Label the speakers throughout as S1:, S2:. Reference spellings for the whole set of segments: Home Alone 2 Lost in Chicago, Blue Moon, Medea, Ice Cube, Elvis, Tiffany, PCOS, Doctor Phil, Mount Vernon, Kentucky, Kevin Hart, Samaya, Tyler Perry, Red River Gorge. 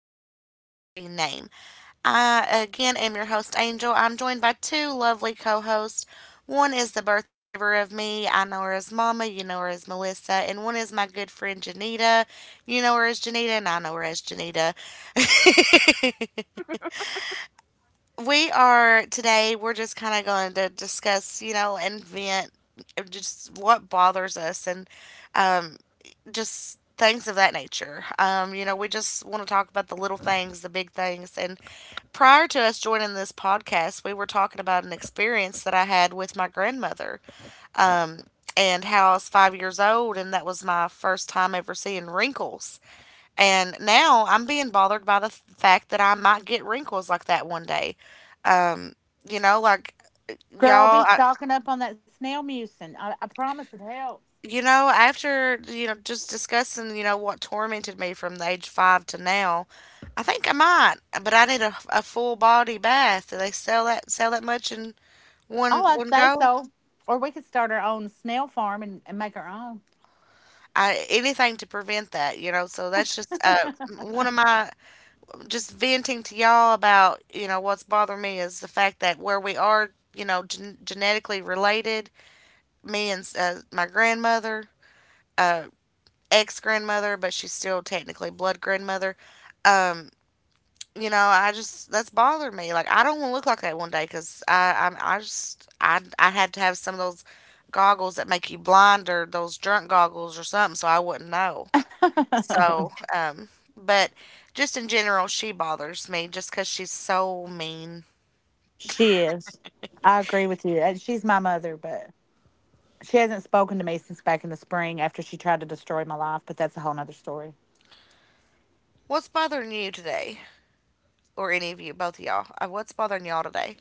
S1: judgmental free name. I, again, am your host, Angel. I'm joined by two lovely co hosts. One is the birth giver of me. I know her as Mama. You know her as Melissa. And one is my good friend, Janita. You know her as Janita, and I know her as Janita. We're just kind of going to discuss, you know, and vent just what bothers us and just things of that nature. You know, we just want to talk about the little things, the big things. And prior to us joining this podcast, we were talking about an experience that I had with my grandmother um, and how I was 5 years old, and that was my first time ever seeing wrinkles. And now I'm being bothered by the fact that I might get wrinkles like that one day. Um, you know, like Y'all, after, just discussing, what tormented me from the age five to now, I think I might, but I need a full body bath. Do they sell that much in one go? Anything to prevent that, you know. So that's just one of my just venting to y'all about, you know, what's bothering me is the fact that where we are, you know, genetically related, me and my grandmother. uh. Ex grandmother, but she's still technically blood grandmother. Um, you know, I just that's bothered me. Like, I don't want to look like that one day because I had to have some of those goggles that make you blind or those drunk goggles or something, so I wouldn't know. So, but just in general, she bothers me just because she's so mean. What's bothering you today, or any of you, both of y'all? What's bothering y'all today?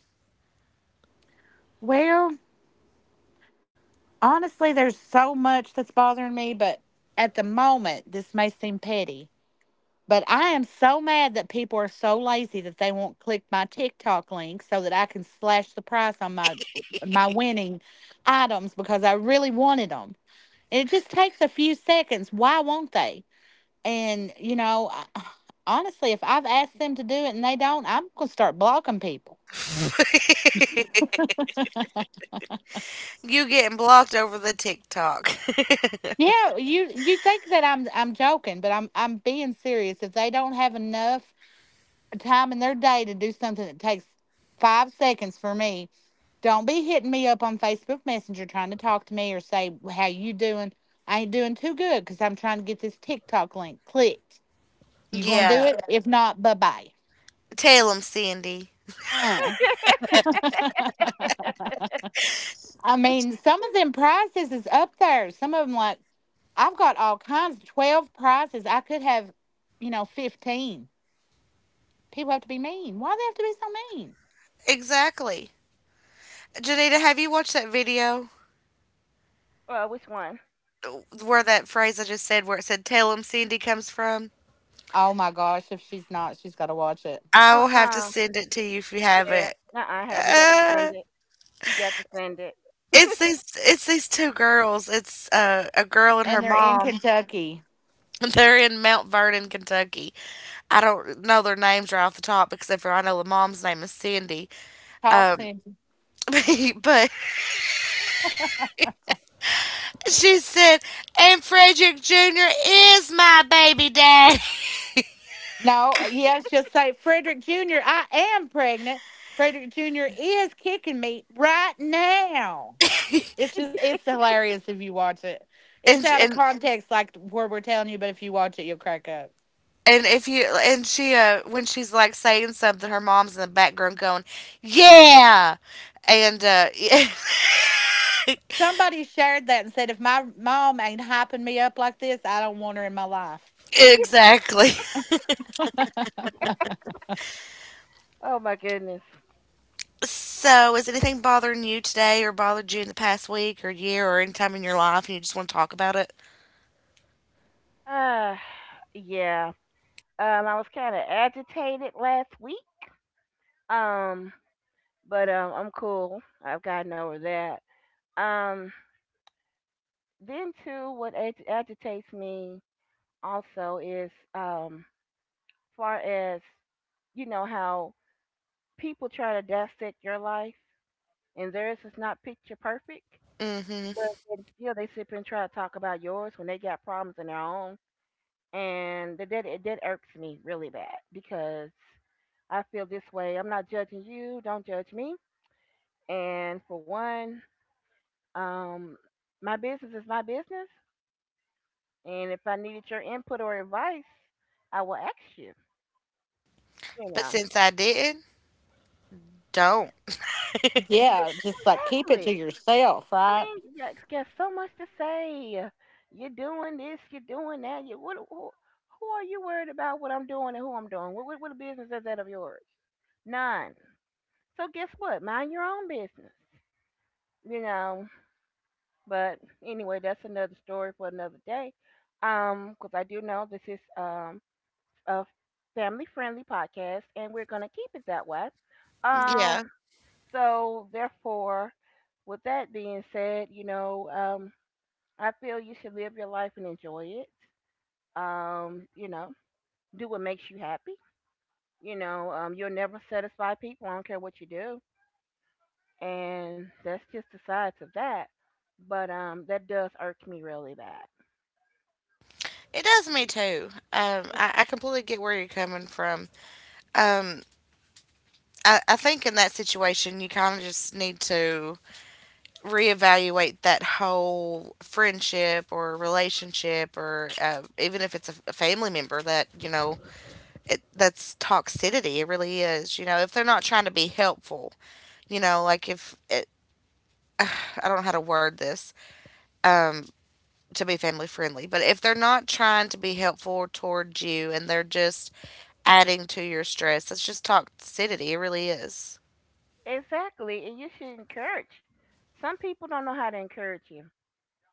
S1: You getting blocked over the TikTok? Yeah, tell 'em, Cindy. Exactly. Janita, have you watched that video
S2: Well, which one?
S1: where that phrase I just said, where it said "Tell 'em, Cindy" comes from? I will have to
S2: Uh-uh.
S1: send it to you if you have it.
S2: Yeah. Nuh-uh, haven't. You got to
S1: Uh,
S2: send it. You got to send it.
S1: it's these two girls. It's a girl and her mom. They're in Mount Vernon, Kentucky. I don't know their names right off the top, except for I know the mom's name is Cindy. Um, but she said, "And Frederick Jr. is my baby dad." And and And if you and she when she's, like, saying something, her mom's in the background going, "Yeah," and exactly.
S2: Oh my goodness.
S1: So, is anything bothering you today, or bothered you in the past week, or year, or any time in your life, and you just want to talk about it?
S2: Uh yeah. I was kinda agitated last week. Um, but I'm cool. I've gotten over that. Um then too what agitates me also is far as you know how people try to dissect your life, and theirs is not picture perfect.
S1: Hmm.
S2: But then still, they sit and try to talk about yours when they got problems in their own, and that irks me really bad because I feel this way. I'm not judging you. Don't judge me. And for one, um, my business is my business, and if I needed your input or advice, I will ask you. You
S1: But
S2: know,
S1: since I didn't, don't.
S2: Ex- I mean, you got, so much to say. You're doing this, you're doing that. You, what, who are you worried about what I'm doing and who I'm doing? What business is that of yours? None. So guess what? Mind your own business. You know, but anyway, that's another story for another day. Because I do know this is a family-friendly podcast, and we're gonna keep it that way. Um,
S1: Yeah,
S2: so therefore, with that being said, I feel you should live your life and enjoy it. Um, you know, do what makes you happy. You'll never satisfy people. I don't care what you do, and that's just the sides of that. But that does irk me really bad.
S1: it does me too. I completely get where you're coming from. Um, I think in that situation, you kind of just need to reevaluate that whole friendship or relationship, or even if it's a family member, that's toxicity, it really is. You know, if they're not trying to be helpful, you know like if it, I don't know how to word this, um, to be family friendly, but if they're not trying to be helpful towards you and they're just adding to your stress, that's just toxicity, it really is.
S2: Exactly, and you should encourage. Some people don't know how to encourage you,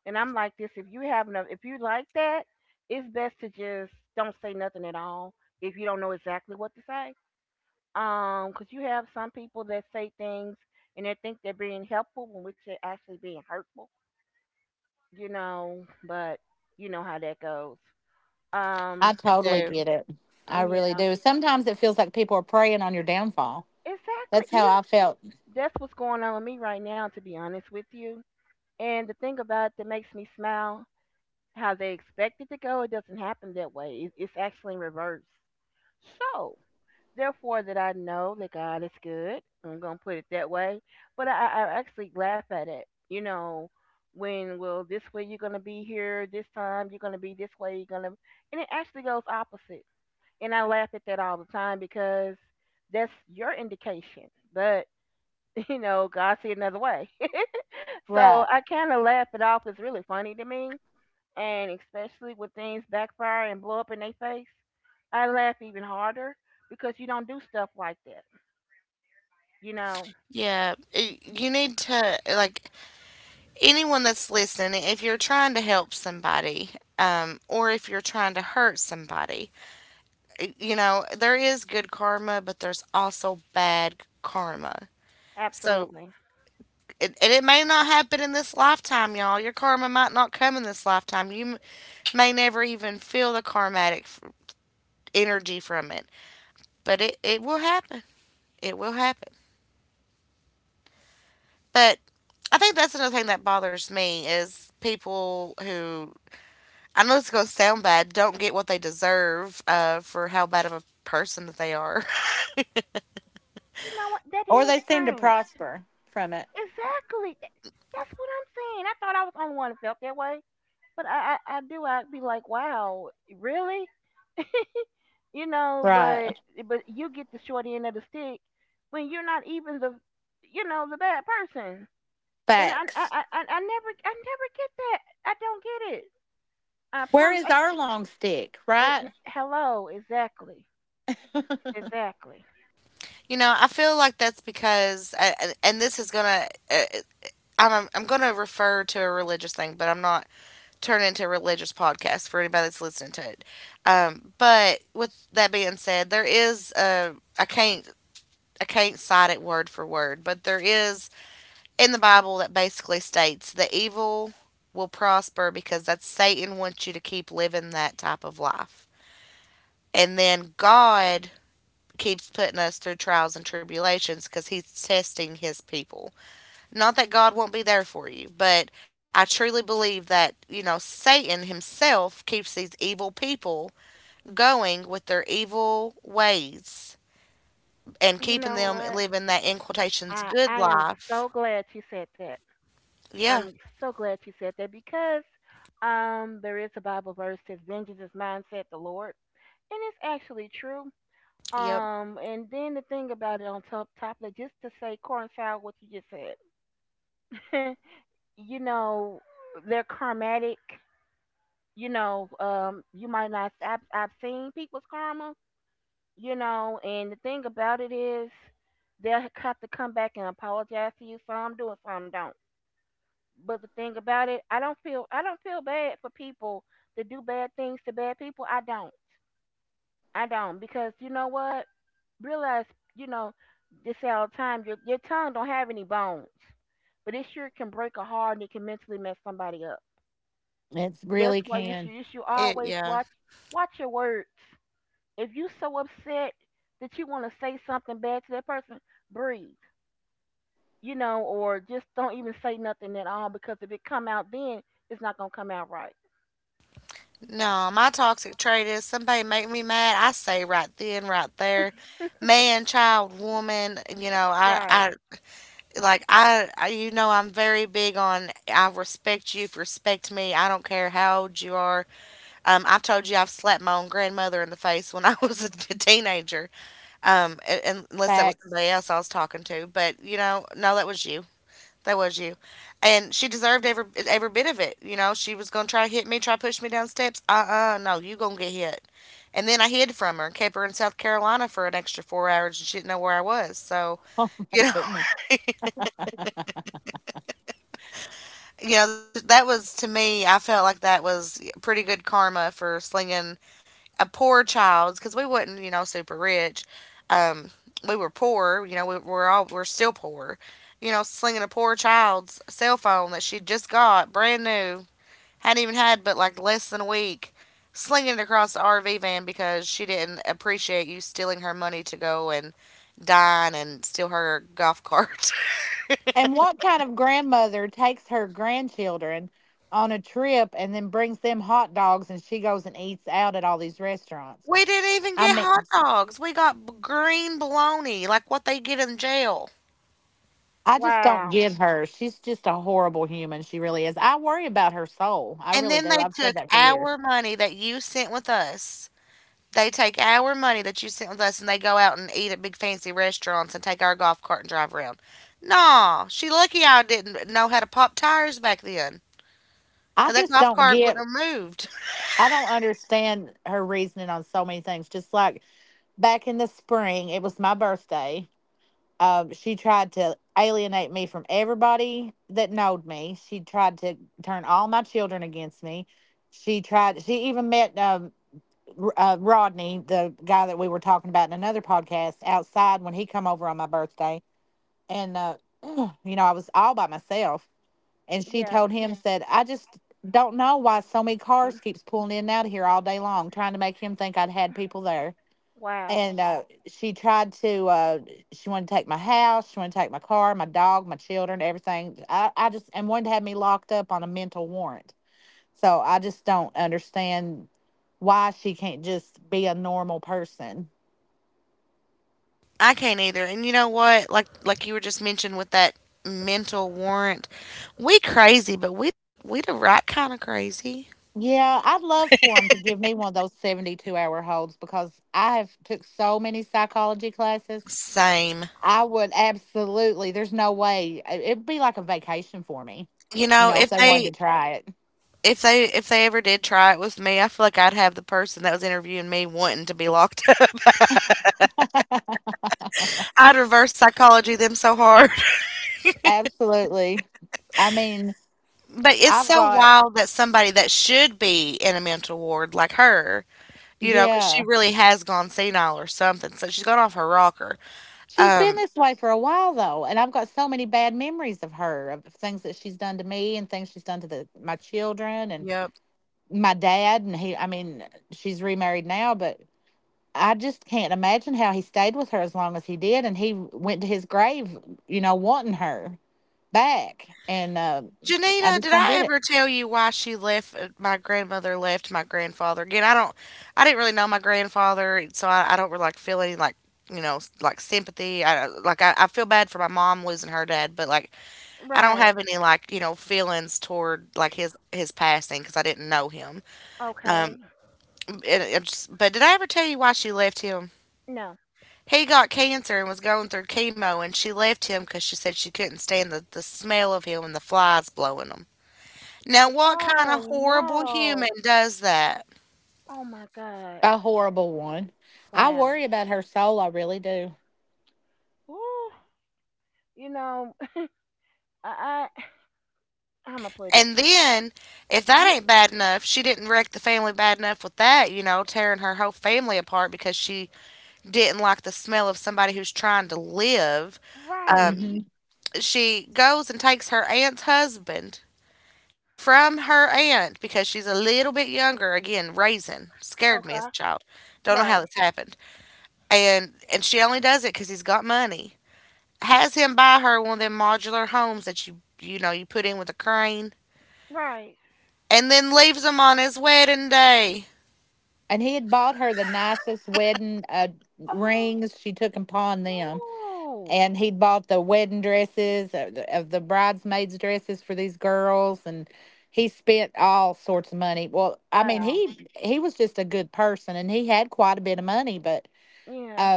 S2: and I'm like this. If you have enough, if you like that, it's best to just don't say nothing at all if you don't know exactly what to say. 'Cause you have some people that say things and they think they're being helpful when which they're actually being hurtful, but you know how that goes. Um,
S1: I do.
S2: mm, yeah, exactly. You, that's what's going on with me right now, to be honest with you. And the thing about it that makes me smile, how they expect it to go, it doesn't happen that way. It's actually in reverse. So, therefore, that I know that God is good. I'm gonna put it that way. But I actually laugh at it. You know, when well, this way you're gonna be here. This time you're gonna be this way. You're gonna, and it actually goes opposite. And I laugh at that all the time because that's your indication. But you know, God see another way. So I kind of laugh it off. It's really funny to me. And especially when things backfire and blow up in their face, I laugh even harder because you don't do stuff like that. You know,
S1: Yeah, you need to, like, anyone that's listening, if you're trying to help somebody, or if you're trying to hurt somebody, you know, there is good karma, but there's also bad karma. So,
S2: absolutely.
S1: and it may not happen in this lifetime, y'all. Your karma might not come in this lifetime. You may never even feel the karmatic energy from it, but it will happen. It will happen. But I think that's another thing that bothers me is people who, I know it's going to sound bad, don't get what they deserve, for how bad of a person that they are.
S2: You know what? That is strange. Exactly. That's what I'm saying. I thought I was the only one that felt that way, but I do. I'd be like, wow, really? You know, but you get the short end of the stick when you're not even the, you know, the bad person. And I never, get that. I don't get it. I promise. Hello, exactly, exactly.
S1: You know, I feel like that's because, and this is going to, uh, I'm going to refer to a religious thing, but I'm not turning into a religious podcast for anybody that's listening to it. But with that being said, there is, ai can't. I can't cite it word for word, but there is in the Bible that basically states the evil will prosper because that's Satan wants you to keep living that type of life. And then God keeps putting us through trials and tribulations because He's testing His people. Not that God won't be there for you, but I truly believe that, you know, Satan himself keeps these evil people going with their evil ways and
S2: You
S1: keeping
S2: know
S1: them
S2: what?
S1: living that, in quotations, good
S2: I am
S1: life.
S2: so glad you said that.
S1: Yeah.
S2: I'm so glad you said that because there is a Bible verse that says vengeance is mine, said the Lord. And it's actually true.
S1: Yep.
S2: And then the thing about it on top of it, just to say coincide what you just said. You know, they're karmatic, you know, you might not I've seen people's karma, you know, and the thing about it is they'll have to come back and apologize to you. Some do and some don't. But the thing about it, I don't feel bad for people that do bad things to bad people. I don't. I don't because you know what? Realize you know this all the time. Your tongue don't have any bones, but it sure can break a heart and it can mentally mess somebody up. That's why you should always
S1: Yeah.
S2: watch watch your words. If you so upset that you want to say something bad to that person, breathe. You know, or just don't even say nothing at all because if it come out then it's not gonna come out right.
S1: No, my toxic trait is somebody make me mad. I say right then, right there, man, child, woman. You know,
S2: Right.
S1: I'm very big on, I respect you if you respect me. I don't care how old you are. I've told you I've slapped my own grandmother in the face when I was a teenager. And, unless that was somebody else I was talking to. But you know, no, that was you. That was you. And she deserved every bit of it. You know, she was gonna try to hit me, try to push me down steps. Uh-uh, no, you gonna get hit. And then I hid from her and kept her in South Carolina for an extra 4 hours, and she didn't know where I was, so. you know you know that that was to me I felt like that was pretty good karma for slinging a poor child because we wasn't, you know, super rich. um we were poor. You know, we, we're all we're still poor. You know, slinging a poor child's cell phone that she just got brand new, hadn't even had but like less than a week, slinging it across the RV van because she didn't appreciate you stealing her money to go and dine and steal her golf cart. We didn't even get hot dogs. We got green bologna, like what they get in jail.
S2: Wow.
S1: And then they took our money that you sent with us. They take our money that you sent with us and they go out and eat at big fancy restaurants and take our golf cart and drive around. Nah, she lucky I didn't know how to pop tires back then. That golf cart wouldn't have moved.
S2: Yeah. Mm. Wow.
S1: I can't either. And you know what? Like you were just mentioned with that mental warrant. We crazy, but we don't we the right kind of crazy. Same. You know, if they ever did try it with me, I feel like I'd have the person that was interviewing me wanting to be locked up. I'd reverse psychology them so hard. But it's so wild that somebody that should be in a mental ward like her, you know, because she really has gone senile or something. So she's gone off her rocker. Um, yep. Janita, did I ever tell you why she left? My grandmother left my grandfather again. I didn't really know my grandfather, so I don't really, like, feel any, like, sympathy. I feel bad for my mom losing her dad, but, like, I don't
S2: Right.
S1: have any, like, feelings toward, like, his passing because I didn't know him.
S2: Okay.
S1: Um, but did I ever tell you why she left him?
S2: No.
S1: He got cancer and was going through chemo, and she left him because she said she couldn't stand the smell of him and the flies blowing 'em. Now, what kind of
S2: Oh
S1: horrible human
S2: no.
S1: does that?
S2: Oh my God. Wow. Ooh. You know, I, I I'ma put it.
S1: And then, if that
S2: You
S1: ain't bad enough, she didn't wreck the family bad enough with that, you know, tearing her whole family apart because she didn't like the smell of somebody who's trying to live.
S2: right.
S1: Um, she goes and takes her aunt's husband from her aunt because she's a little bit younger. Again, raising scared me
S2: Okay.
S1: as a child. Don't know how
S2: Right.
S1: this happened. And she only does it because he's got money, has him buy her one of them modular homes that you know you put in with a crane,
S2: Right.
S1: and then leaves him on his wedding day.
S2: Oh no. Wow. Yeah.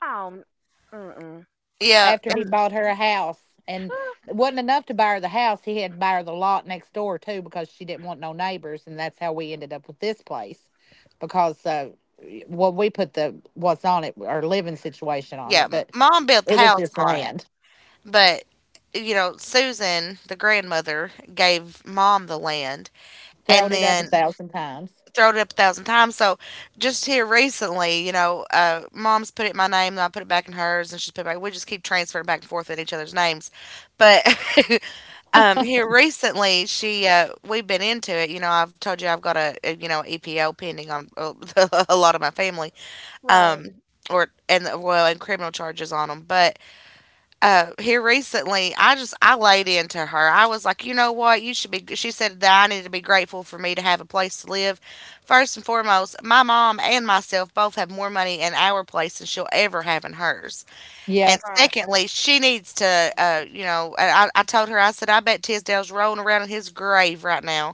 S2: Oh. Mm mm.
S1: Yeah, and yeah, mom built the house on it, but you know Susan, the grandmother, gave mom the land, and then throwed it up a thousand times. So just here recently, mom's put it in my name, and I put it back in hers, and she's put it back. We just keep transferring back and forth in each other's names, but here recently, she we've been into it. You know, I've told you I've got a EPO pending on a lot of my family,
S2: Right.
S1: um, and criminal charges on them. But here recently, I just I laid into her. I was like, you know what, you should be. She said that I needed to be grateful for me to have a place to live. First and foremost, my mom and myself both have more money in our place than she'll ever have in hers. And
S2: Right.
S1: secondly, she needs to, you know, and I told her, I said, I bet Tisdale's rolling around in his grave right now.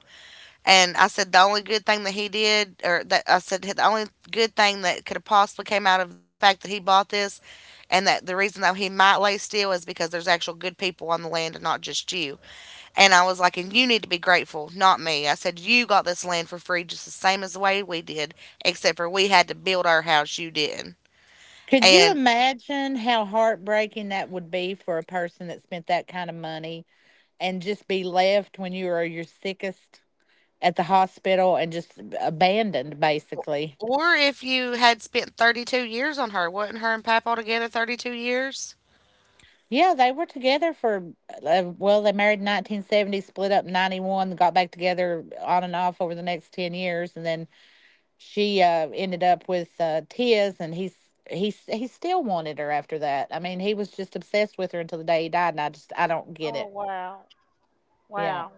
S1: And I said, the only good thing that he did, or that I said, the only good thing that could have possibly came out of the fact that he bought this, and that the reason that he might lay still is because there's actual good people on the land and not just you. And I was like, and you need to be grateful, not me. I said, you got this land for free just the same as the way we did, except for we had to build our house, you didn't. And Or if you had spent 32 years on her, wasn't her and Papaw together 32 years?
S2: Oh wow. Wow.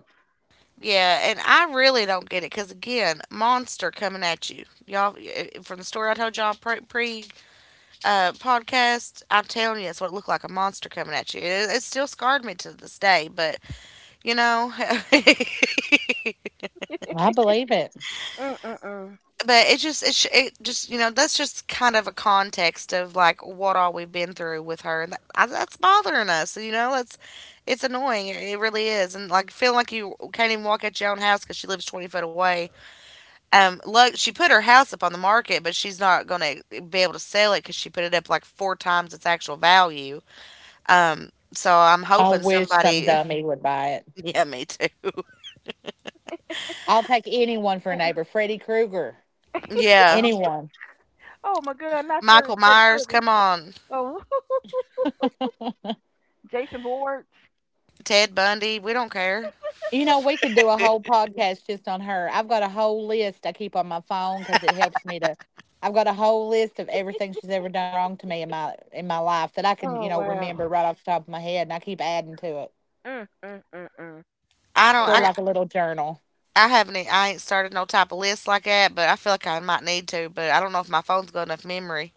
S1: Yeah, and I really don't get it because again, monster coming at you, y'all. From the story I told y'all pre, pre podcast, I'm telling you, it's what it looked like—a monster coming at you. It still scarred me to this day, but you know,
S2: Mm mm
S1: but it just you know that's just kind of a context of like what all we've been through with her and that, that's bothering us, you know. It's annoying, it really is, and like feeling like you can't even walk out your own house because she lives 20 foot away. Look, she put her house up on the market, but she's not gonna be able to sell it because she put it up like four times its actual value. So I'm hoping somebody. Yeah, me too.
S2: mm.
S1: Yeah.
S2: Oh my God. Not very
S1: Michael Myers,
S2: critical.
S1: come on.
S2: Oh, Jason Bourne.
S1: Ted Bundy, we don't care.
S2: Oh wow. Mm, mm, mm, mm.
S1: I don't.
S2: Wow.
S1: I haven't. I ain't started no type of list like that, but I feel like I might need to. But I don't know if my phone's got enough memory.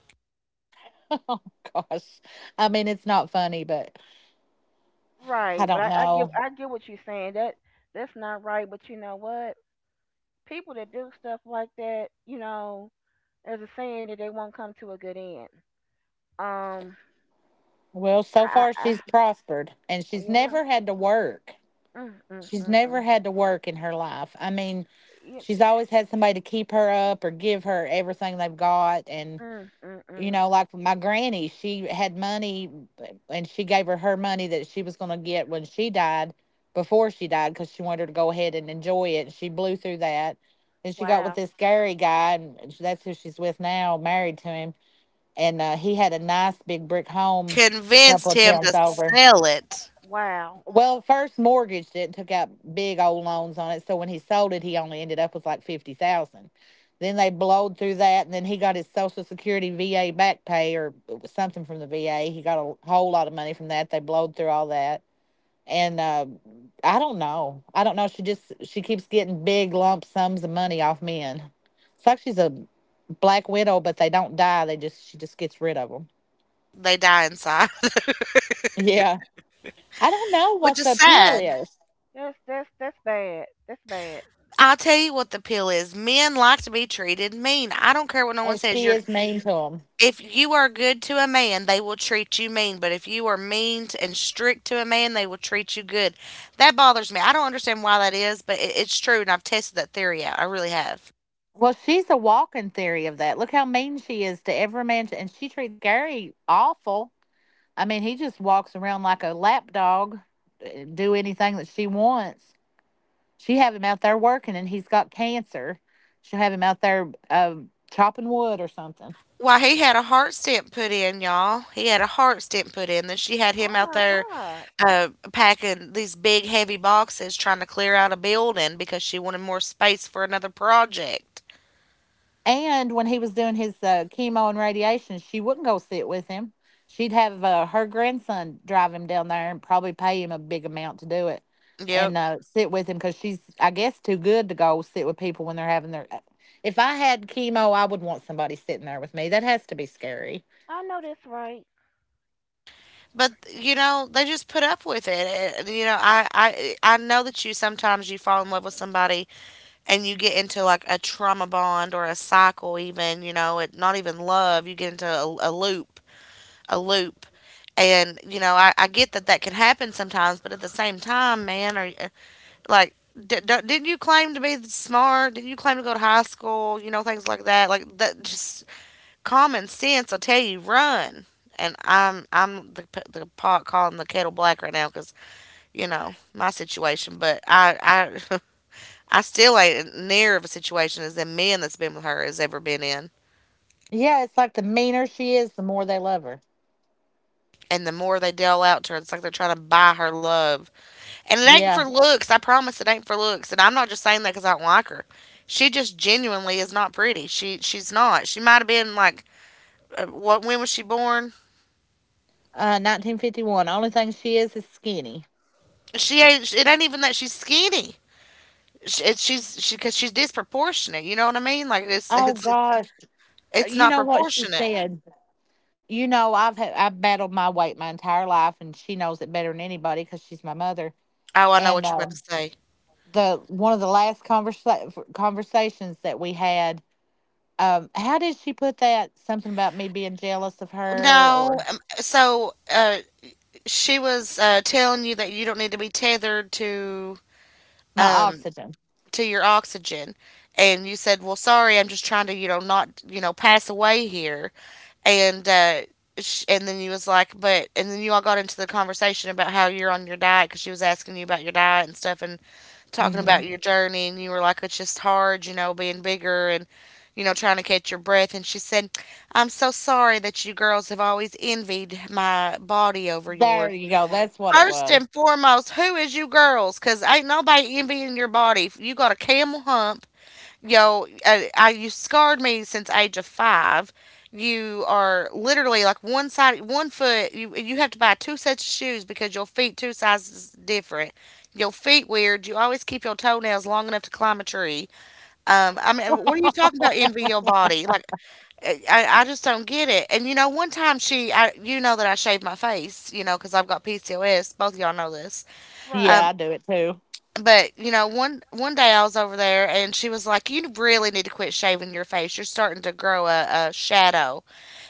S2: Right, but I get what you're saying. That that's not right. But you know what? People that do stuff like that, you know, there's a saying that they won't come to a good end. Um, I, I, I you know, mm, mm, mm, mm, you, mm, mm, mm. Wow,
S1: Convinced him to sell it.
S2: wow,
S1: They die inside, which is sad.
S2: that's bad. That's bad.
S1: I'll tell you what the pill is. Men like to be treated mean. I don't care what no one says. You're if you are good to a man, they will treat you mean. But if you are mean and strict to a man, they will treat you good. That bothers me. I don't understand why that is, but it's true, and I've tested that theory out. I really have. Why, he had a heart stent put in, y'all. He had a heart stent put in. Then she had him
S2: Oh
S1: out
S2: my
S1: there
S2: God,
S1: packing these big, heavy boxes trying to clear out a building because she wanted more space for another project. Yep.
S2: I know that's right.
S1: But you know they just put up with it. And, you know, I know that you sometimes you fall in love with somebody and you get into like a trauma bond or a cycle even. You know it not even love. You get into a loop. And you know, I get that that can happen sometimes, but at the same time, man, are you, like, didn't you claim to be smart? Didn't you claim to go to high school? You know, things like that. Like that, just common sense. I'll tell you, run. And I'm the pot calling the kettle black right now because you know my situation, but I. I still ain't near of a situation as the men that's been with her has ever been in. And the more they deal out to her, it's like they're trying to buy her love. And it ain't for looks. I promise it ain't for looks. And I'm not just saying that because I don't like her. She just genuinely is not pretty. She's not. She might have been like, what? When was she born? She ain't. It ain't even that she's skinny. She because she's disproportionate. You know what I mean? Like it's not proportionate. Oh, I know what you're about to say. No, she was telling you that you don't need to be tethered um to your oxygen, and you said, well sorry, I'm just trying to, you know, not, you know, pass away here. And and then you was like, but, and then you all got into the conversation about how you're on your diet because she was asking you about your diet and stuff and talking about your journey, and you were like, it's just hard, you know, being bigger and, you know, trying to catch your breath. And she said, I'm so sorry that you girls have always envied my body over yours. First and foremost, who is you girls? Cause ain't nobody envying your body. If you got a camel hump. Yo, you scarred me since age of five. You are literally like one side, one foot. You have to buy two sets of shoes because your feet two sizes different. Your feet weird. You always keep your toenails long enough to climb a tree. I mean, what are you talking about? Envy your body? Like I, I just don't get it. And you know, one time she, I, you know that I shaved my face, you know, because I've got PCOS. Both of y'all know this.
S2: Right.
S1: Um, but you know, one day I was over there, and she was like, "You really need to quit shaving your face. You're starting to grow a shadow."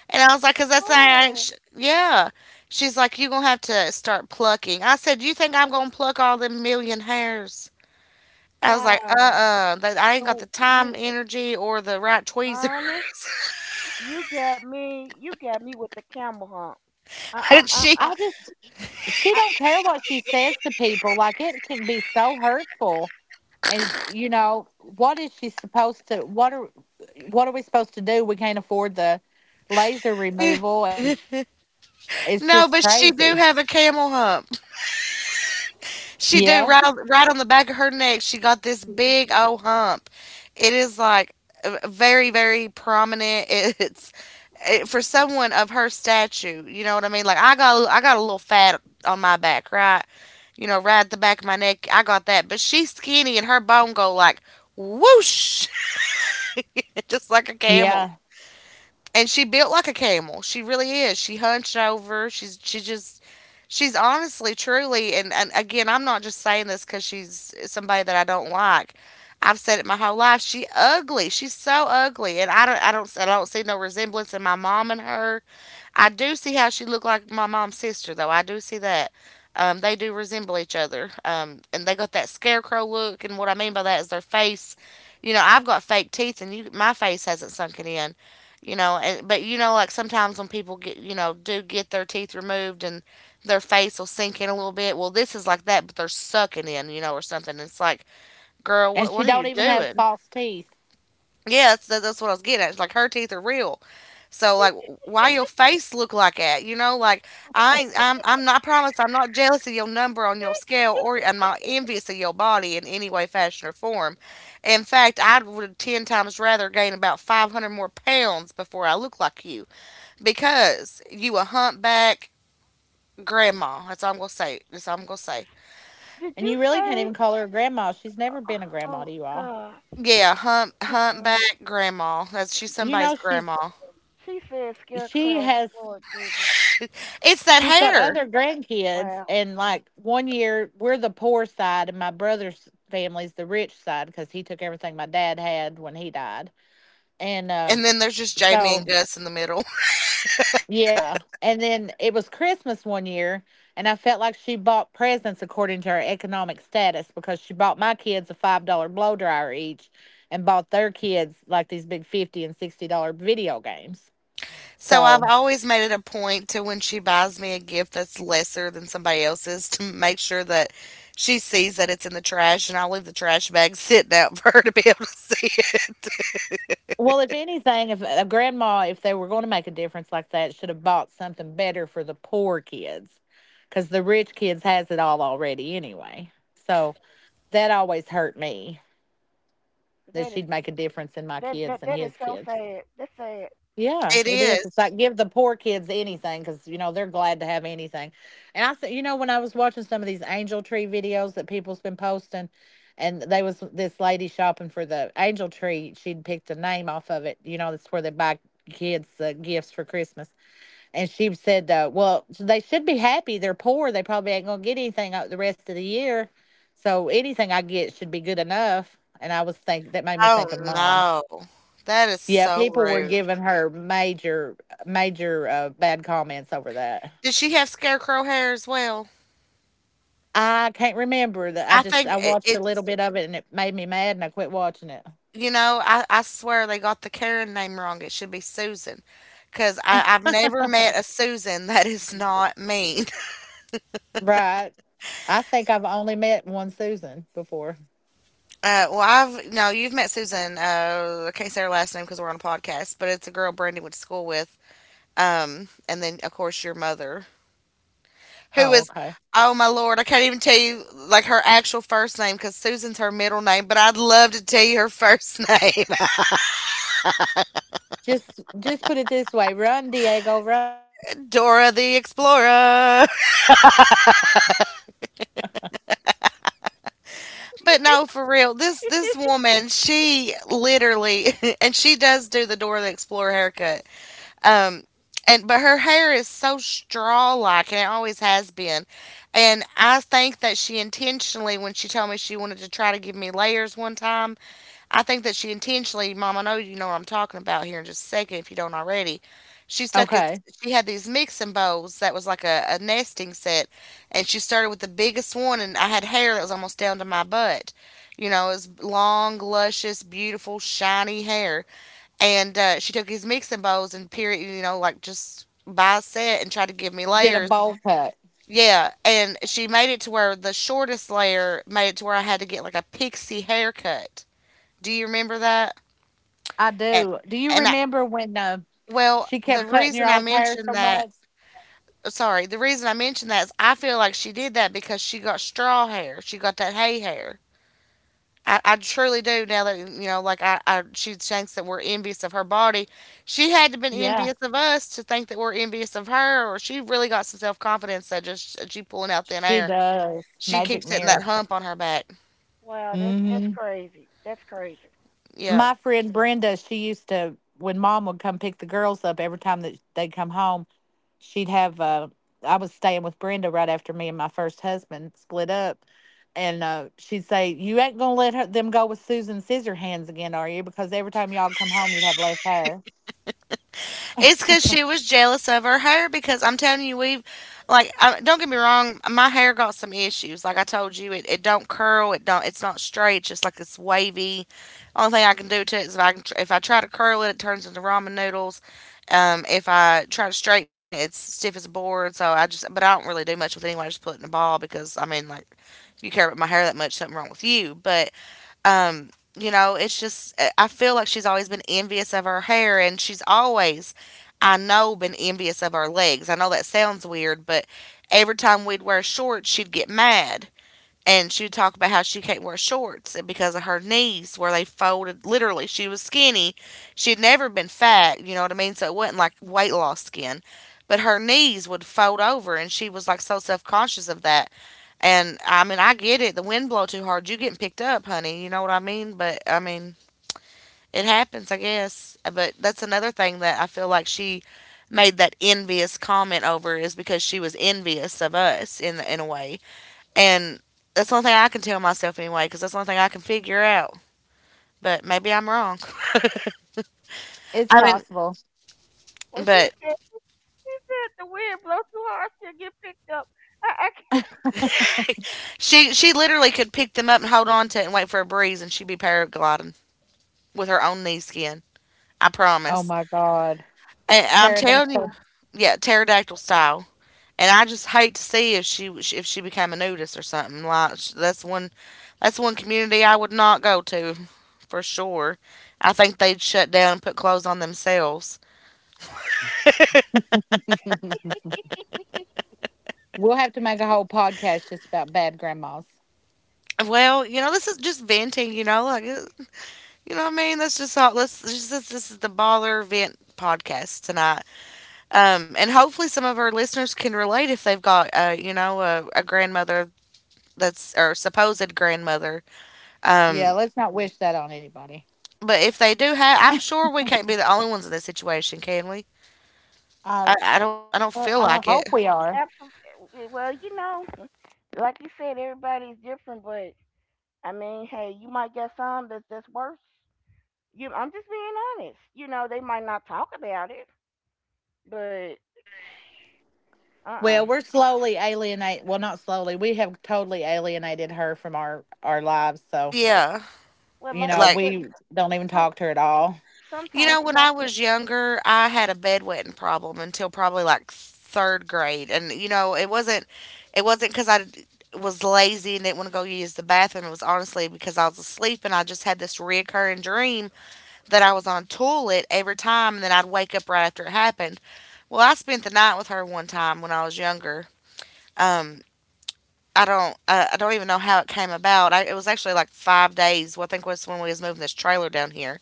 S1: And I was like, "Cause that's the thing I ain't
S2: Oh
S1: yeah." She's like, "You're gonna have to start plucking." I said, "You think I'm gonna pluck all them million hairs?" I was like,
S2: wow.
S1: that I ain't
S2: Oh,
S1: got the
S2: wait,
S1: time,
S2: you,
S1: energy, or the right tweezers."
S2: honey, you got me. You got me with the camel hump. I,
S1: and
S2: I'm,
S1: she
S2: I,
S1: No, but she do have a camel hump. She do right on, right on the back of her neck. She got this big old hump. It is like very very prominent. It's for someone of her stature. You know what I mean? Like I got a little fat on my back, right? You know, right at the back of my neck. I got that, but she's skinny and her bone go like whoosh, just like a camel. And she built like a camel. She really is. She hunched over. She just she's honestly truly, and again I'm not just saying this because she's somebody that I don't like. I've said it my whole life. She ugly. She's so ugly, and I don't see no resemblance in my mom and her. I do see how she looked like my mom's sister, though. I do see that. They do resemble each other. And they got that scarecrow look, and what I mean by that is their face. You know, I've got fake teeth, my face hasn't sunken in. You know, and but you know, like sometimes when people get, you know, do get their teeth removed, and their face will sink in a little bit. Well, this is like that, but they're sucking in, you know, or something. It's like, girl, what are you doing? Yeah, that's what I was getting at. It's like her teeth are real. So like,
S2: did
S1: why your face look like that? You know, like I'm not I promise I'm not jealous of your number on your scale or and my envious of your body in any way, fashion or form. In fact, I would ten times rather gain about 500 more pounds before I look like you because you a humpback grandma. That's all I'm gonna say. That's all I'm gonna say.
S2: you, did you say? Oh gosh.
S1: Yeah, humpback
S2: Mm-mm.
S1: grandma. That's she's somebody's grandma.
S2: She said scarecrow. Lord Jesus.
S1: It's that hair.
S2: Wow.
S1: And then there's just Jamie and Gus in the middle. So I've always made it a point to when she buys me a gift that's lesser than somebody else's to make sure that she sees that it's in the trash, and I'll leave the trash bag sitting out for her to be able to see it.
S2: That is that is so sad. That's sad.
S1: It is. Oh no. That is so rude. Does she have scarecrow hair as well? I think I- it's, you know, I swear they got the Karen name wrong. It should be Susan, because I've never met a Susan that is not me. Well, I've no, you've met Susan. I can't say her last name because we're on a podcast, but it's a girl Brandy went to school with. And then, of course, your mother, who is — oh my Lord, I can't even tell you like her actual first name because Susan's her middle name, but I'd love to tell you her first name: Dora the Explorer. But no, for real, this woman, she literally, and she does do the Dora the Explorer haircut. Um, and but her hair is so straw like, and it always has been. And I think that she intentionally — when she told me she wanted to try to give me layers one time, I think that she intentionally, Mom, I know you know what I'm talking about here in just a second if you don't already. She stuck his, she had these mixing bowls that was like a nesting set, and she started with the biggest one, and I had hair that was almost down to my butt. You know, it was long, luscious, beautiful, shiny hair. And she took his mixing bowls and period, you know, like just by set, and tried to give me layers. Yeah, and she made it to where the shortest layer made it to where I had to get like a pixie haircut. Do you remember that? And and I Well, the reason I mentioned that — sorry, the reason I mentioned that is I feel like she did that because she got straw hair. She got that hay hair. I truly do now that, you know, like I she thinks that we're envious of her body. She had to been envious of us to think that we're envious of her, or she really got some self confidence that just, she pulling out thin air. She keeps hitting that hump on her back.
S2: Wow. That's crazy. That's crazy.
S1: Yeah. It's because she was jealous of her hair. Because I'm telling you, don't get me wrong, my hair got some issues. Like I told you, it don't curl. It don't. It's not straight. It's just like it's wavy. Only thing I can do to it is if I try to curl it, it turns into ramen noodles. If I try to straighten it, it's stiff as a board. But I don't really do much with it anyway. I just put it in a ball because, I mean, like, if you care about my hair that much, something wrong with you. But um, you know, it's just, I feel like she's always been envious of her hair, and she's always, I know, been envious of our legs. I know that sounds weird, but every time we'd wear shorts, she'd get mad. And she would talk about how she can't wear shorts because of her knees, where they folded. Literally, she was skinny. She'd never been fat, you know what I mean? So it wasn't like weight loss skin. But her knees would fold over, and she was like so self conscious of that. And I mean, I get it. The wind blow too hard, you getting picked up, honey. You know what I mean? But I mean, it happens, I guess. But that's another thing that I feel like she made that envious comment over is because she was envious of us in a way. And that's the only thing I can tell myself anyway, because that's the only thing I can figure out. But maybe I'm wrong. I mean,
S2: Well,
S1: but
S2: she said the wind blow too hard she'll get picked up. I can't.
S1: she literally could pick them up and hold on to it and wait for a breeze, and she'd be paragliding with her own knee skin. I promise. And I'm telling you, yeah, pterodactyl style. And I just hate to see if she became a nudist or something. That's one community I would not go to, for sure. I think they'd shut down and put clothes on themselves. Well, you know, this is just venting. You know what I mean. That's just all. This is the baller vent podcast tonight. And hopefully some of our listeners can relate if they've got a grandmother that's or supposed grandmother, um, but if they do have, I'm sure we can't be the only ones in this situation, can we? I don't feel like it.
S2: Absolutely. Well, you know, like you said, everybody's different, but I mean, hey, you might get some that's worse. You, I'm just being honest. You know, they might not talk about it, but uh, uh
S1: Yeah.
S2: well, like I
S1: Like,
S2: said, some, sometimes you
S1: when
S2: have
S1: I
S2: to.
S1: was younger, I had a bedwetting problem until probably like third grade. And, it wasn't because was lazy and didn't want to go use the bathroom. It was honestly because I was asleep and I just had this reoccurring dream that I was on a toilet every time, and then I'd wake up right after it happened. Well, I spent the night with her one time when I was younger. Um, I don't even know how it came about. It was actually like 5 days. Well, I think was when we was moving this trailer down here.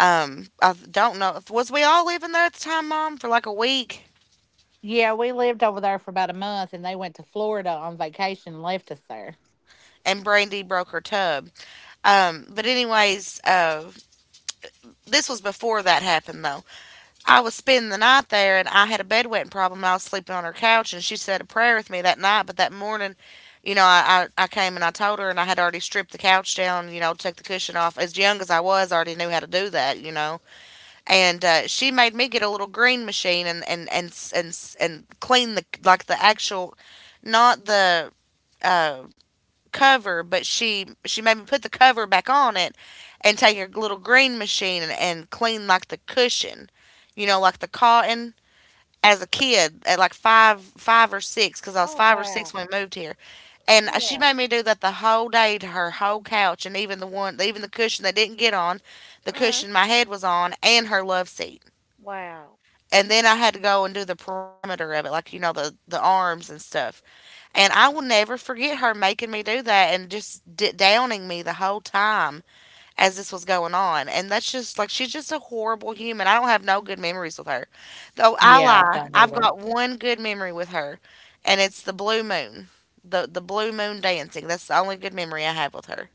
S1: I don't know. Was we all living there at the time, Mom, for like a week? And Brandy broke her tub. But anyways, this was before that happened though. I was spending the night there, and I had a bedwetting problem. And I was sleeping on her couch, and she said a prayer with me that night. But that morning, I came and I told her, and I had already stripped the couch down, took the cushion off. As young as I was, I already knew how to do that. And she made me get a little green machine and clean the actual — not the uh, cover, but she made me put the cover back on it, and take her little green machine and clean like the cushion, you know, like the cotton. As a kid, at like five or six, because I was
S2: Oh
S1: five or six
S2: wow,
S1: when we moved here, and she
S2: yeah,
S1: made me do that the whole day to her whole couch, and even the cushion they didn't get on, the
S2: mm,
S1: cushion my head was on, and her love seat,
S2: wow,
S1: and then I had to go and do the parameter of it, like, you know, the arms and stuff. And I will never forget her making me do that and just downing me the whole time as this was going on. And that's just — like, she's just a horrible human. I don't have no good memories with her, though. I lie. I've got one good memory with her, and it's the blue moon, the blue moon dancing. That's the only good memory I have with her.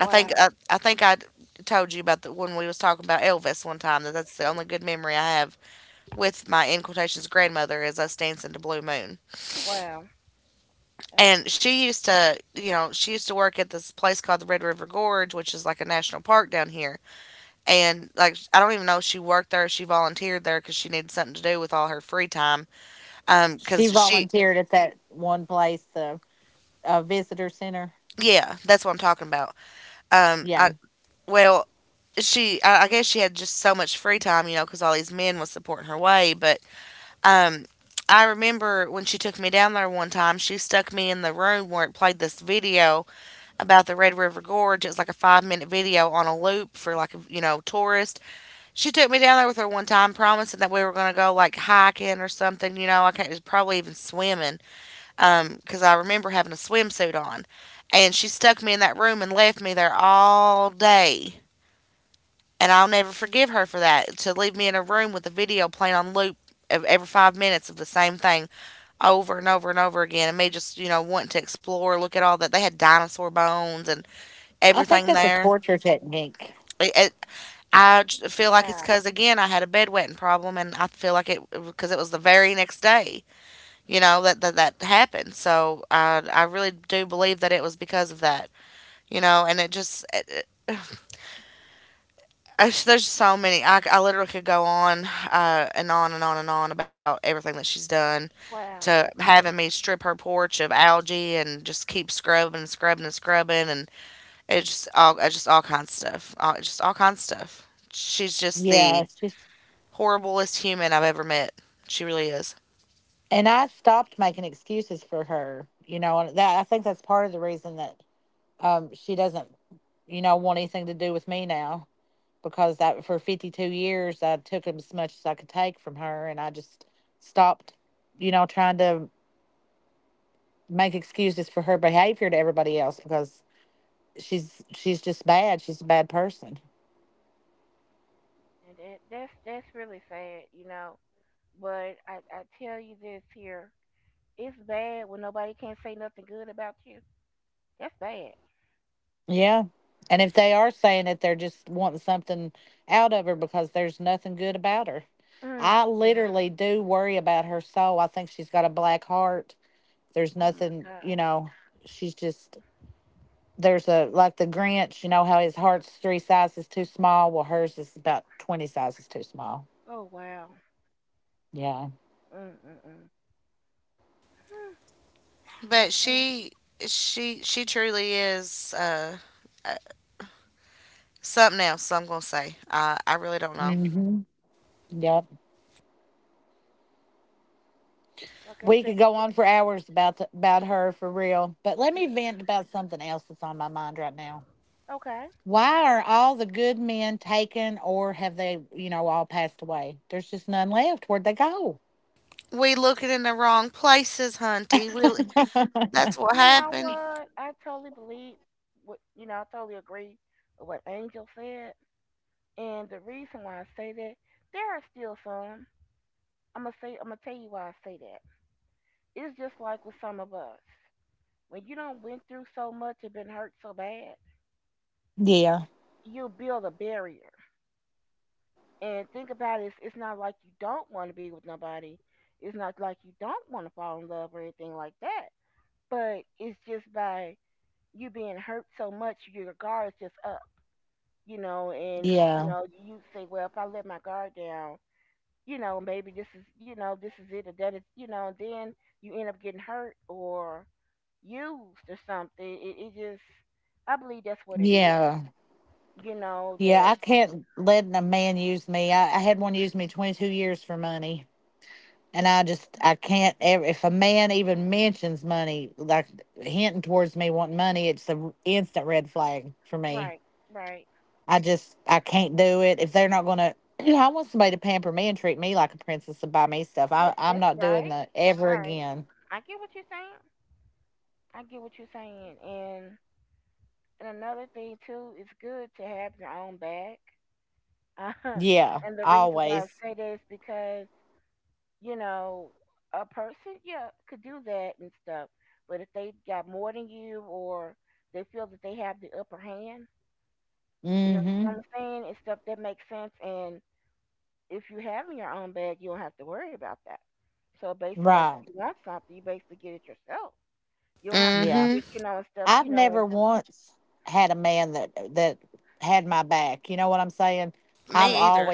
S1: I think I, I think I told you about the when we was talking about Elvis one time, that that's the only good memory I have with my, in quotations, grandmother, as us dancing to Blue Moon.
S2: wow, uh,
S1: And she used to, you know, she used to work at this place called the Red River Gorge, which is like a national park down here. And like, I don't even know if she worked there. She volunteered there because she needed something to do with all her free time. Um, because she, yeah, that's what I'm talking about. I Well, I guess she had just so much free time, because all these men was supporting her way. But um, I remember when she took me down there one time, she stuck me in the room where it played this video about the Red River Gorge. It was like a 5-minute video on a loop for like a, tourist. She took me down there with her one time, promising that we were gonna go like hiking or something. You know, I can't It was probably even swimming, because I remember having a swimsuit on, and she stuck me in that room and left me there all day. And I'll never forgive her for that to leave me in a room with a video playing on loop of every 5 minutes of the same thing over and over and over again and me just wanting to explore, look at all that they had, dinosaur bones and everything there. It, it, I j- feel like it's
S2: wow,
S1: because, again, I had a bedwetting problem, and I feel like it because it was the very next day, that, happened. So I really do believe that it was because of that, and it just it, it- I, there's so many, I literally could go on and on and on and on about everything that she's done,
S2: wow.
S1: to having me strip her porch of algae and just keep scrubbing and scrubbing and scrubbing, and it's just all, it's just all kinds of stuff, all, just all kinds of stuff. She's just the horriblest human I've ever met. She really is.
S2: And that's really sad, you know. But I tell you this here, it's bad when nobody can't say nothing good about you. That's bad. Mm. Oh my God. Oh wow. Mm-mm-mm.
S1: But
S2: That's why,
S1: she truly is uh, something else. I'm gonna say I really don't know.
S2: like I said, you better, okay.
S1: We looking in the wrong places, Hunty. That's what
S2: You know
S1: happened.
S2: what? I totally believe what you know. I totally agree with what Angel said, and the reason why I say that there are still some. I'm gonna say. I'm gonna tell you why I say that. It's just like with some of us. When you don't went through so much and been hurt so bad, you build a barrier. And think about it, it's not like you don't want to be with nobody. It's not like you don't want to fall in love or anything like that. But it's just by you being hurt so much, your guard is just up, you know. And, you know, you say, well, if I let my guard down, you know, maybe this is, you know, this is it or that is, you know, and then you end up getting hurt or used or something. It just, I believe that's what it is, you know, that, right, right. Yes, that's right. Right. I get what you're saying. I get what you're saying. And another thing too, it's good to have your own bag. Uh, and the reason why I say that is because, you know, a person, yeah, could do that and stuff. But if they got more than you or they feel that they have the upper hand, you know what I'm saying? It's stuff that makes sense and if you have in your own bag you don't have to worry about that. So basically like if you want something, you basically get it yourself. You don't have to,
S1: Mm-hmm.
S2: you know, and stuff, you know, and
S1: Me
S2: right.
S1: either.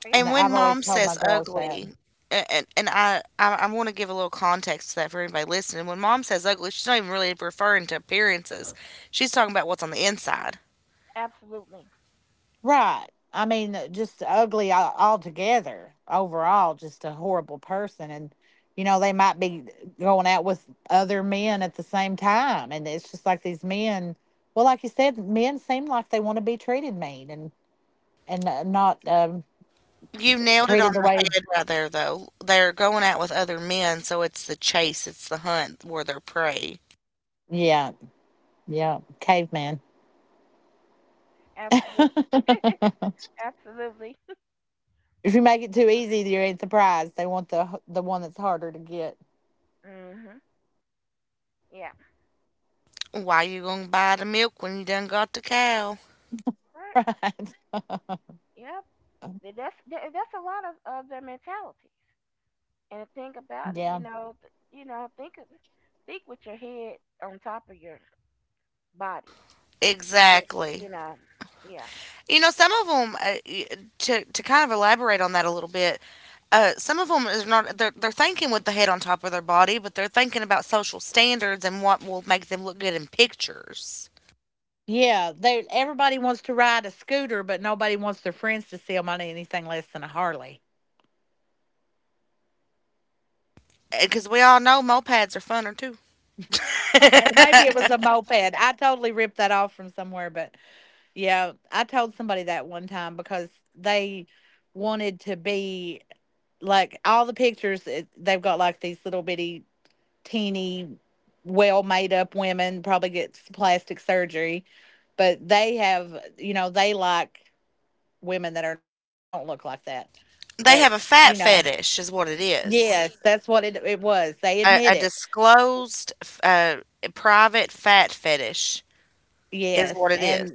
S2: But
S1: And
S2: yeah,
S1: when
S2: that's
S1: Mom
S2: true.
S1: says ugly, I want to give a little context to that for anybody listening. When Mom says ugly, she's not even really referring to appearances. She's talking about what's on the inside.
S2: Absolutely,
S1: You nailed it on the head right there, though. They're going out with other men, so it's the chase, it's the hunt where they're prey.
S2: absolutely, absolutely. Mm, mm-hmm. Yeah.
S1: Why you gonna buy the milk when you done got the cow?
S2: Right. Yep. That's that's a lot of their mentalities. And think about it, you know, you know, think of, think with your head on top of your body. Just put, it,
S1: Exactly.
S2: you know, yeah,
S1: You know, some of them, to kind of elaborate on that a little bit, some of them is not, they're thinking with the head on top of their body, but they're thinking about social standards and what will make them look good in pictures, because we all know mopeds are funner too. They have a fat fetish is what it is. A disclosed, f private fat fetish is what it is.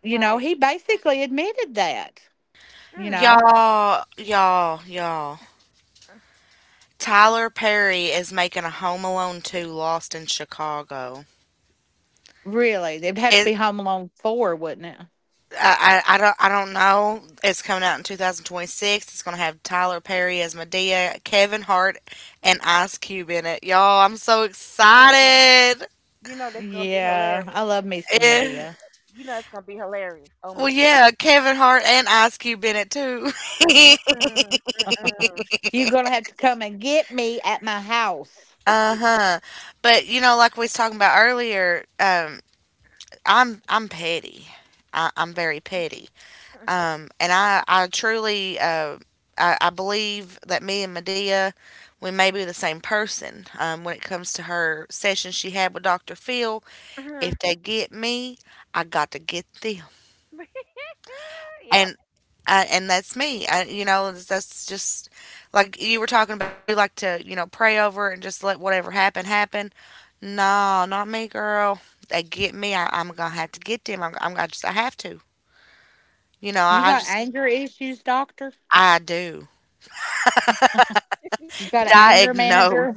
S2: right. Mm.
S1: Y'all, y'all, y'all. Tyler Perry is making a Home Alone 2 Lost in Chicago. It, I don't know. It's coming out in 2026. It's gonna have Tyler Perry as Medea, Kevin Hart, and Ice Cube in it. Y'all, I'm so
S2: Oh,
S1: excited.
S2: you know, that's gonna be hilarious.
S1: Eh,
S2: Y- You know, it's gonna be hilarious. Oh my
S1: Well,
S2: goodness.
S1: yeah, Kevin Hart and Ice Cube in it too.
S2: Mm-mm, mm-mm.
S1: Uh-huh. But you know, like we was talking about earlier, I'm petty. I'm very petty. And I believe that me and Medea, we may be the same person. When it comes to her session she had with Doctor Phil, if
S2: Mhm.
S1: they get me, I got to get them.
S2: Yep.
S1: and and that's me. That's just like you were talking about. You like to pray over it and just let whatever happen happen. No, not me, girl. They get me. I'm gonna have to get them. I'm I just I have to. You know, I just I do Diagnose.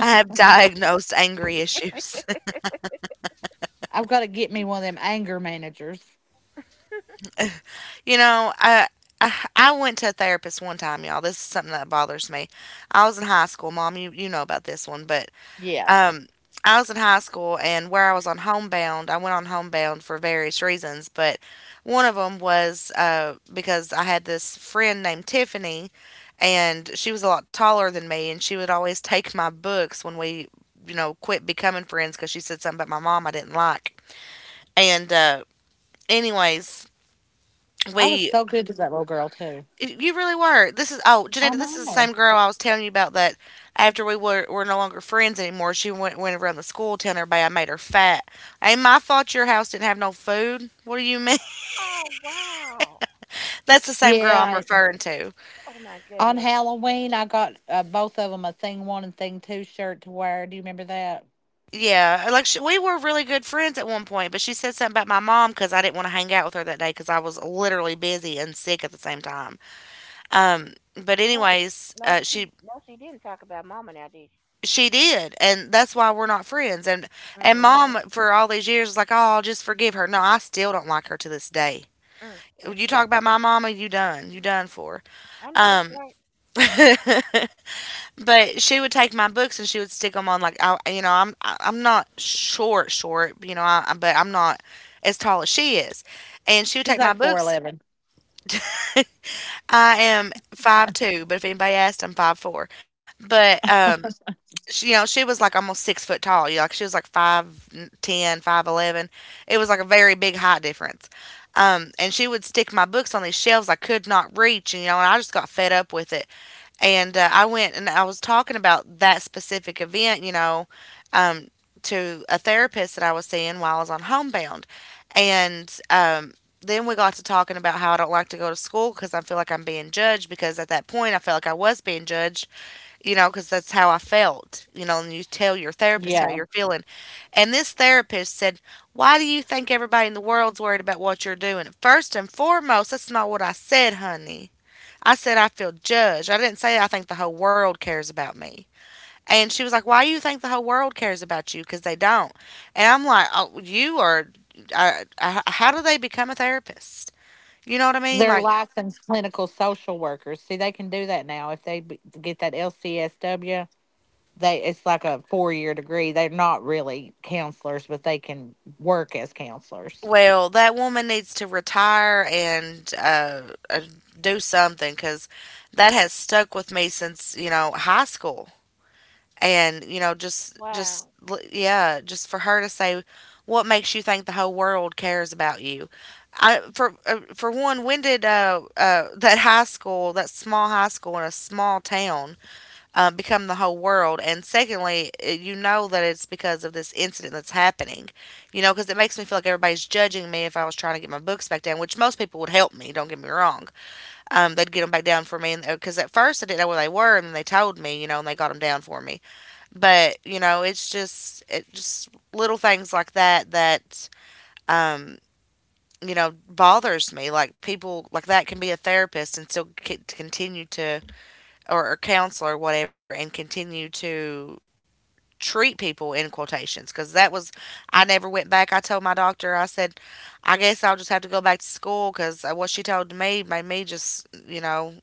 S1: I have diagnosed angry issues. you know, I. I went to a therapist one time, y'all. This is something that bothers me. I was in high school, mom. You know about this one, but Um, I was in high school, and where I was on homebound, I went on homebound for various reasons, but one of them was because I had this friend named Tiffany, and she was a lot taller than me, and she would always take my books when we quit becoming friends because she said something about my mom I didn't like. And Anyways, we You really were. This is, oh, Janita. This is the same girl I was telling you about that. After we were no longer friends anymore, she went around the school telling everybody I made her fat. Ain't my fault your house didn't have no food. What do you mean?
S2: Oh wow.
S1: That's the same girl I'm referring to.
S2: Oh my goodness.
S1: Yeah, like we were really good friends at one point, but she said something about my mom because I didn't want to hang out with her that day because I was literally busy and sick at the same time. Um, but
S2: No,
S1: anyways,
S2: no, she,
S1: she
S2: no, she didn't talk about mama now, did she?
S1: she did, and that's why we're not friends, and
S2: Mm,
S1: mom for all these years was like, oh, I'll just forgive her. No, I still don't like her to this day.
S2: mm, mm,
S1: You
S2: mm.
S1: talk about my mama, you done for.
S2: I know that's
S1: um
S2: right.
S1: but she would take my books and she would stick them on, like, I'm not short short, but I'm not as tall as she is. And she would take my books. I am 5'2", but if anybody asked, I'm 5'4". But she was like almost 6 foot tall. You know, like she was like 5'10", 5'11". It was like a very big height difference. And she would stick my books on these shelves I could not reach, and I just got fed up with it. And I went and I was talking about that specific event, um, to a therapist that I was seeing while I was on homebound, and then we got to talking about how I don't like to go to school because I feel like I'm being judged. Because at that point, I felt like I was being judged, because that's how I felt, and you tell your therapist how you're feeling. And this therapist said, why do you think everybody in the world's worried about what you're doing? First and foremost, that's not what I said, honey. I said, I feel judged. I didn't say I think the whole world cares about me. And she was like, why do you think the whole world cares about you? Because they don't. And I'm like, oh, you are, I, how do they become a therapist? You know what I mean? Like, well, that woman needs to retire and uh, do something because that has stuck with me since high school. And you know,
S2: Wow.
S1: yeah, just for her to say, "What makes you think the whole world cares about you?" I for one, when did that high school, that small high school in a small town, become the whole world. And secondly, you know that it's because of this incident that's happening, you know, because it makes me feel like everybody's judging me if I was trying to get my books back down, which most people would help me. Don't get me wrong. They'd get them back down for me. And Because at first I didn't know where they were, and then they told me, you know, and they got them down for me. But, you know, it's just little things like that, um, you know, bothers me. Like people like that can be a therapist and still continue to, or a counselor or whatever, and continue to treat people in quotations, because that was I never went back. I told my doctor, I said, I guess I'll just have to go back to school because what she told me made me just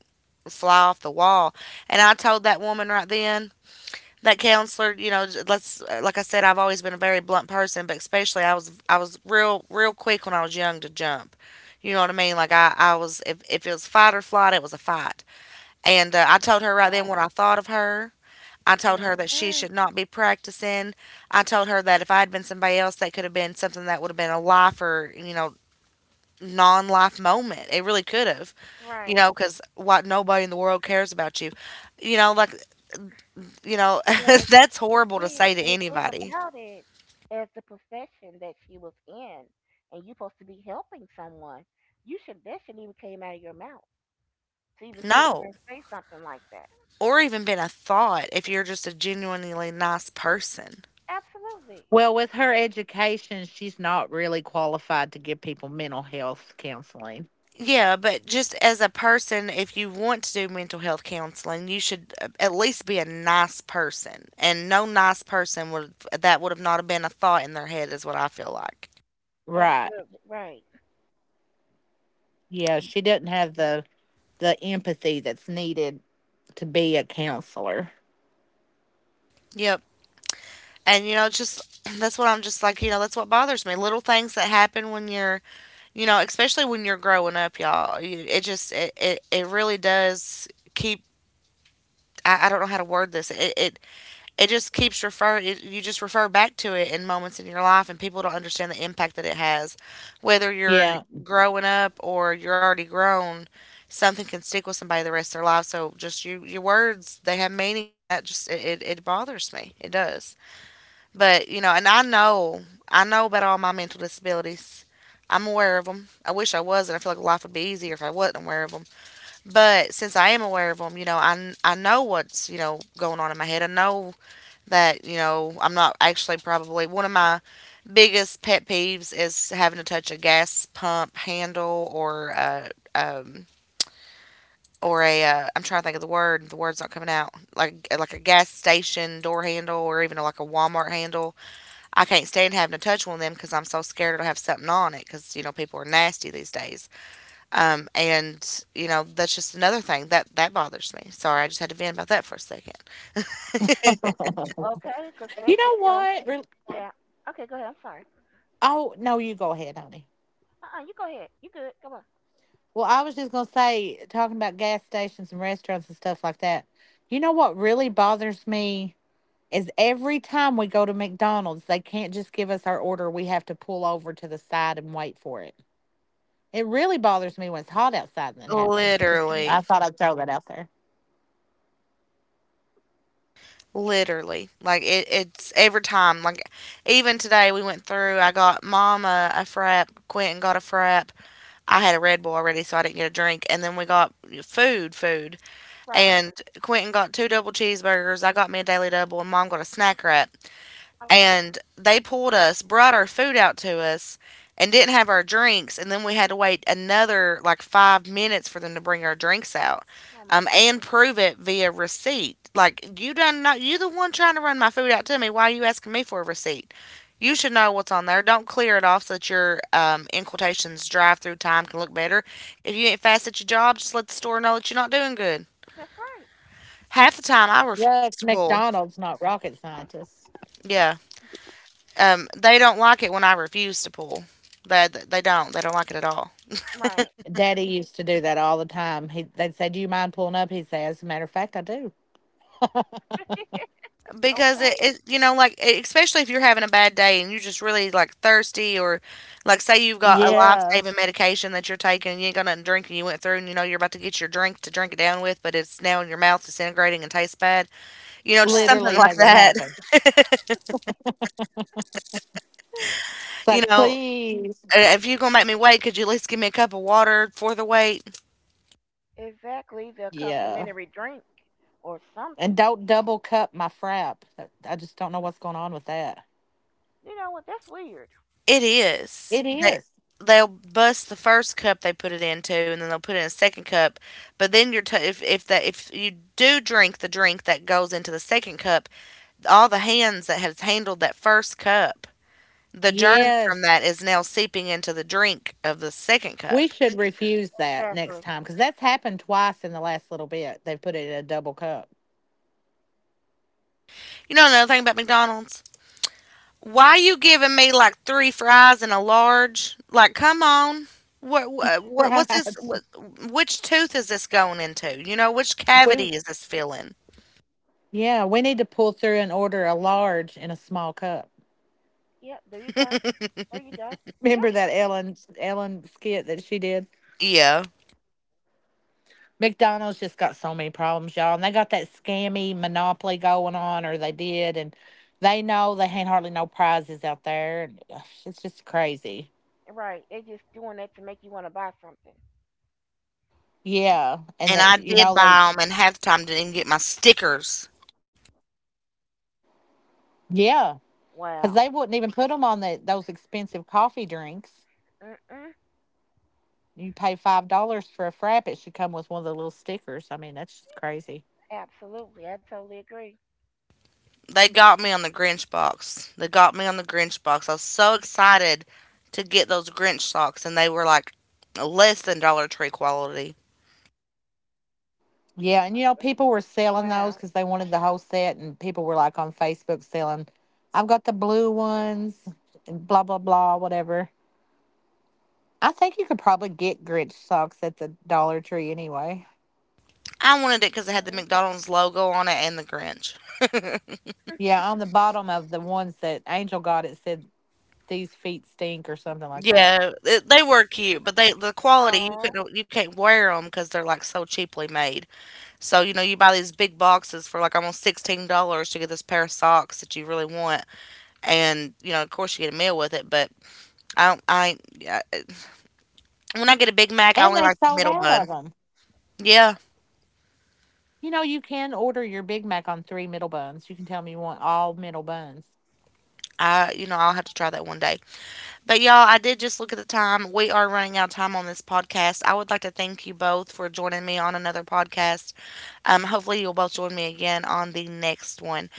S1: fly off the wall. And I told that woman right then, that counselor, you know, let's like I said, I've always been a very blunt person, but especially I was real real quick when I was young to jump. You know what I mean? Like I was if it was fight or flight, it was a fight. And I told her right
S2: Right.
S1: then what I thought of her. I told
S2: Mm,
S1: her that she
S2: mm,
S1: should not be practicing. I told her that if I had been somebody else, that could have been something that would have been a life or non life moment. It really could have, you
S2: right.
S1: know, because what, nobody in the world cares about you. You know, like, you know,
S2: Yeah. It,
S1: that's
S2: it
S1: horrible to
S2: did.
S1: say to
S2: And the thing
S1: anybody.
S2: about it, as the profession that she was in, and you supposed to be helping someone, you should that shouldn't even came out of your mouth to even sit there and
S1: No.
S2: say something like that.
S1: Or even been a thought if you're just a genuinely nice person.
S2: Absolutely.
S1: Yeah, but just as a person, if you want to do mental health counseling, you should at least be a nice person. And no nice person would, that would have not have been a thought in their head is what I feel like.
S2: Absolutely. Right.
S1: Yep. And you know, just that's what I'm just like, that's what bothers me. Little things that happen when you're, especially when you're growing up, y'all. It just it really does keep, I don't know how to word this. It just keeps you just refer back to it in moments in your life, and people don't understand the impact that it has, whether you're growing up or you're already grown. Something can stick with somebody the rest of their life, so just your words, they have meaning, and that just it bothers me. It does. But you know, and I know, I know about all my mental disabilities. I'm aware of them. I wish I was and I feel like life would be easier if I wasn't aware of them, but since I am aware of them, you know, I know what's, you know, going on in my head. I know that, you know, I'm not actually. Probably one of my biggest pet peeves is having to touch a gas pump handle um or a I'm trying to think of the word, the word's not coming out, like a gas station door handle, or even like a Walmart handle. I can't stand having to touch one of them because I'm so scared it'll have something on it, because you know people are nasty these days. And you know, that's just another thing that bothers me. Sorry, I just had to vent about that for a second.
S2: Okay, 'cause especially if you don't, yeah. Okay, go ahead. I'm sorry. Uh-uh, you go ahead. You good? Come on.
S1: literally Literally, like it's every time. Like even today, we went through. I got Mama a frap. Quentin got a frap. I had a Red Bull already, so I didn't get a drink. And then we got food.
S2: Right.
S1: And Quentin got two double cheeseburgers. I got me a daily double, and Mom got a snack wrap,
S2: Okay.
S1: and they pulled us, brought our food out to us, and didn't have our drinks. And then we had to wait another like 5 minutes for them to bring our drinks out,
S2: Oh my
S1: and
S2: goodness.
S1: prove it via receipt. Like, you done, not you the one trying to run my food out to me. Why are you asking me for a receipt? You should know what's on there. Don't clear it off so that your in quotations drive through time can look better. If you ain't fast at your job, just let the store know that you're not doing good.
S2: That's right.
S1: Half the time, I refuse to pull. Yeah. They don't like it when I refuse to pull. They don't. They don't like it at all,
S2: Right.
S1: because
S2: Okay.
S1: it you know, like especially if you're having a bad day and you're just really like thirsty, or like say you've got a life saving medication that you're taking and you ain't got nothing to drink, and you went through and you know you're about to get your drink to drink it down with, but it's now in your mouth disintegrating and tastes bad. You know, just
S2: Right.
S1: something like that. You know, if you're gonna make me wait, could you at least give me a cup of water for the wait?
S2: Exactly. The complimentary drink or something. Mm. You know what? That's weird.
S1: It is. They they'll bust the first cup they put it into, and then they'll put it in a second cup. But then you're if that if you do drink the drink that goes into the second cup, all the hands that has handled that first cup, the germs from that is now seeping into the drink of the second cup.
S2: Exactly.
S1: You know another thing about McDonald's? Why you giving me like three fries and a large? Like, come on. What's this? Which tooth is this going into? You know, which cavity is this filling?
S2: Yep. There you go. There you go. That's c-
S1: Yeah,
S2: right. They just doing that to make you want to buy something.
S1: and I did buy them, and half the time didn't even get my stickers.
S2: Wow. Mm-mm. Absolutely. I totally agree.
S1: They got me on the Grinch box. They got me on the Grinch box. I was so excited to get those Grinch socks, and they were like less than Dollar Tree quality.
S2: Oh my goodness. Wow.
S1: I wanted it because it had
S2: Mm-hmm.
S1: the McDonald's logo on it and the Grinch. Yeah, they were cute, but the quality, you
S2: Oh.
S1: couldn't you can't wear them because they're like so cheaply made. So you know, you buy these big boxes for like almost $16 to get this pair of socks that you really want, and you know, of course, you get a meal with it. But I don't. I ain't- Yeah, when I get a Big Mac, I only like the middle bun. Yeah, I, you know, I'll have to try that one day. But y'all, I did just look at the time. We are running out of time on this podcast. I would like to thank you both for joining me on another podcast. Hopefully you'll both join me again on the next one.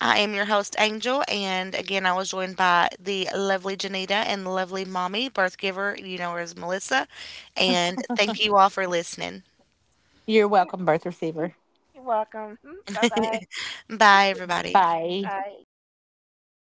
S1: I am your host Angel, and again I was joined by the lovely Janita and the lovely mommy birth giver. You know her as Melissa. And thank you all for listening.
S2: You're welcome. Bye bye.
S1: Bye everybody.
S2: Bye.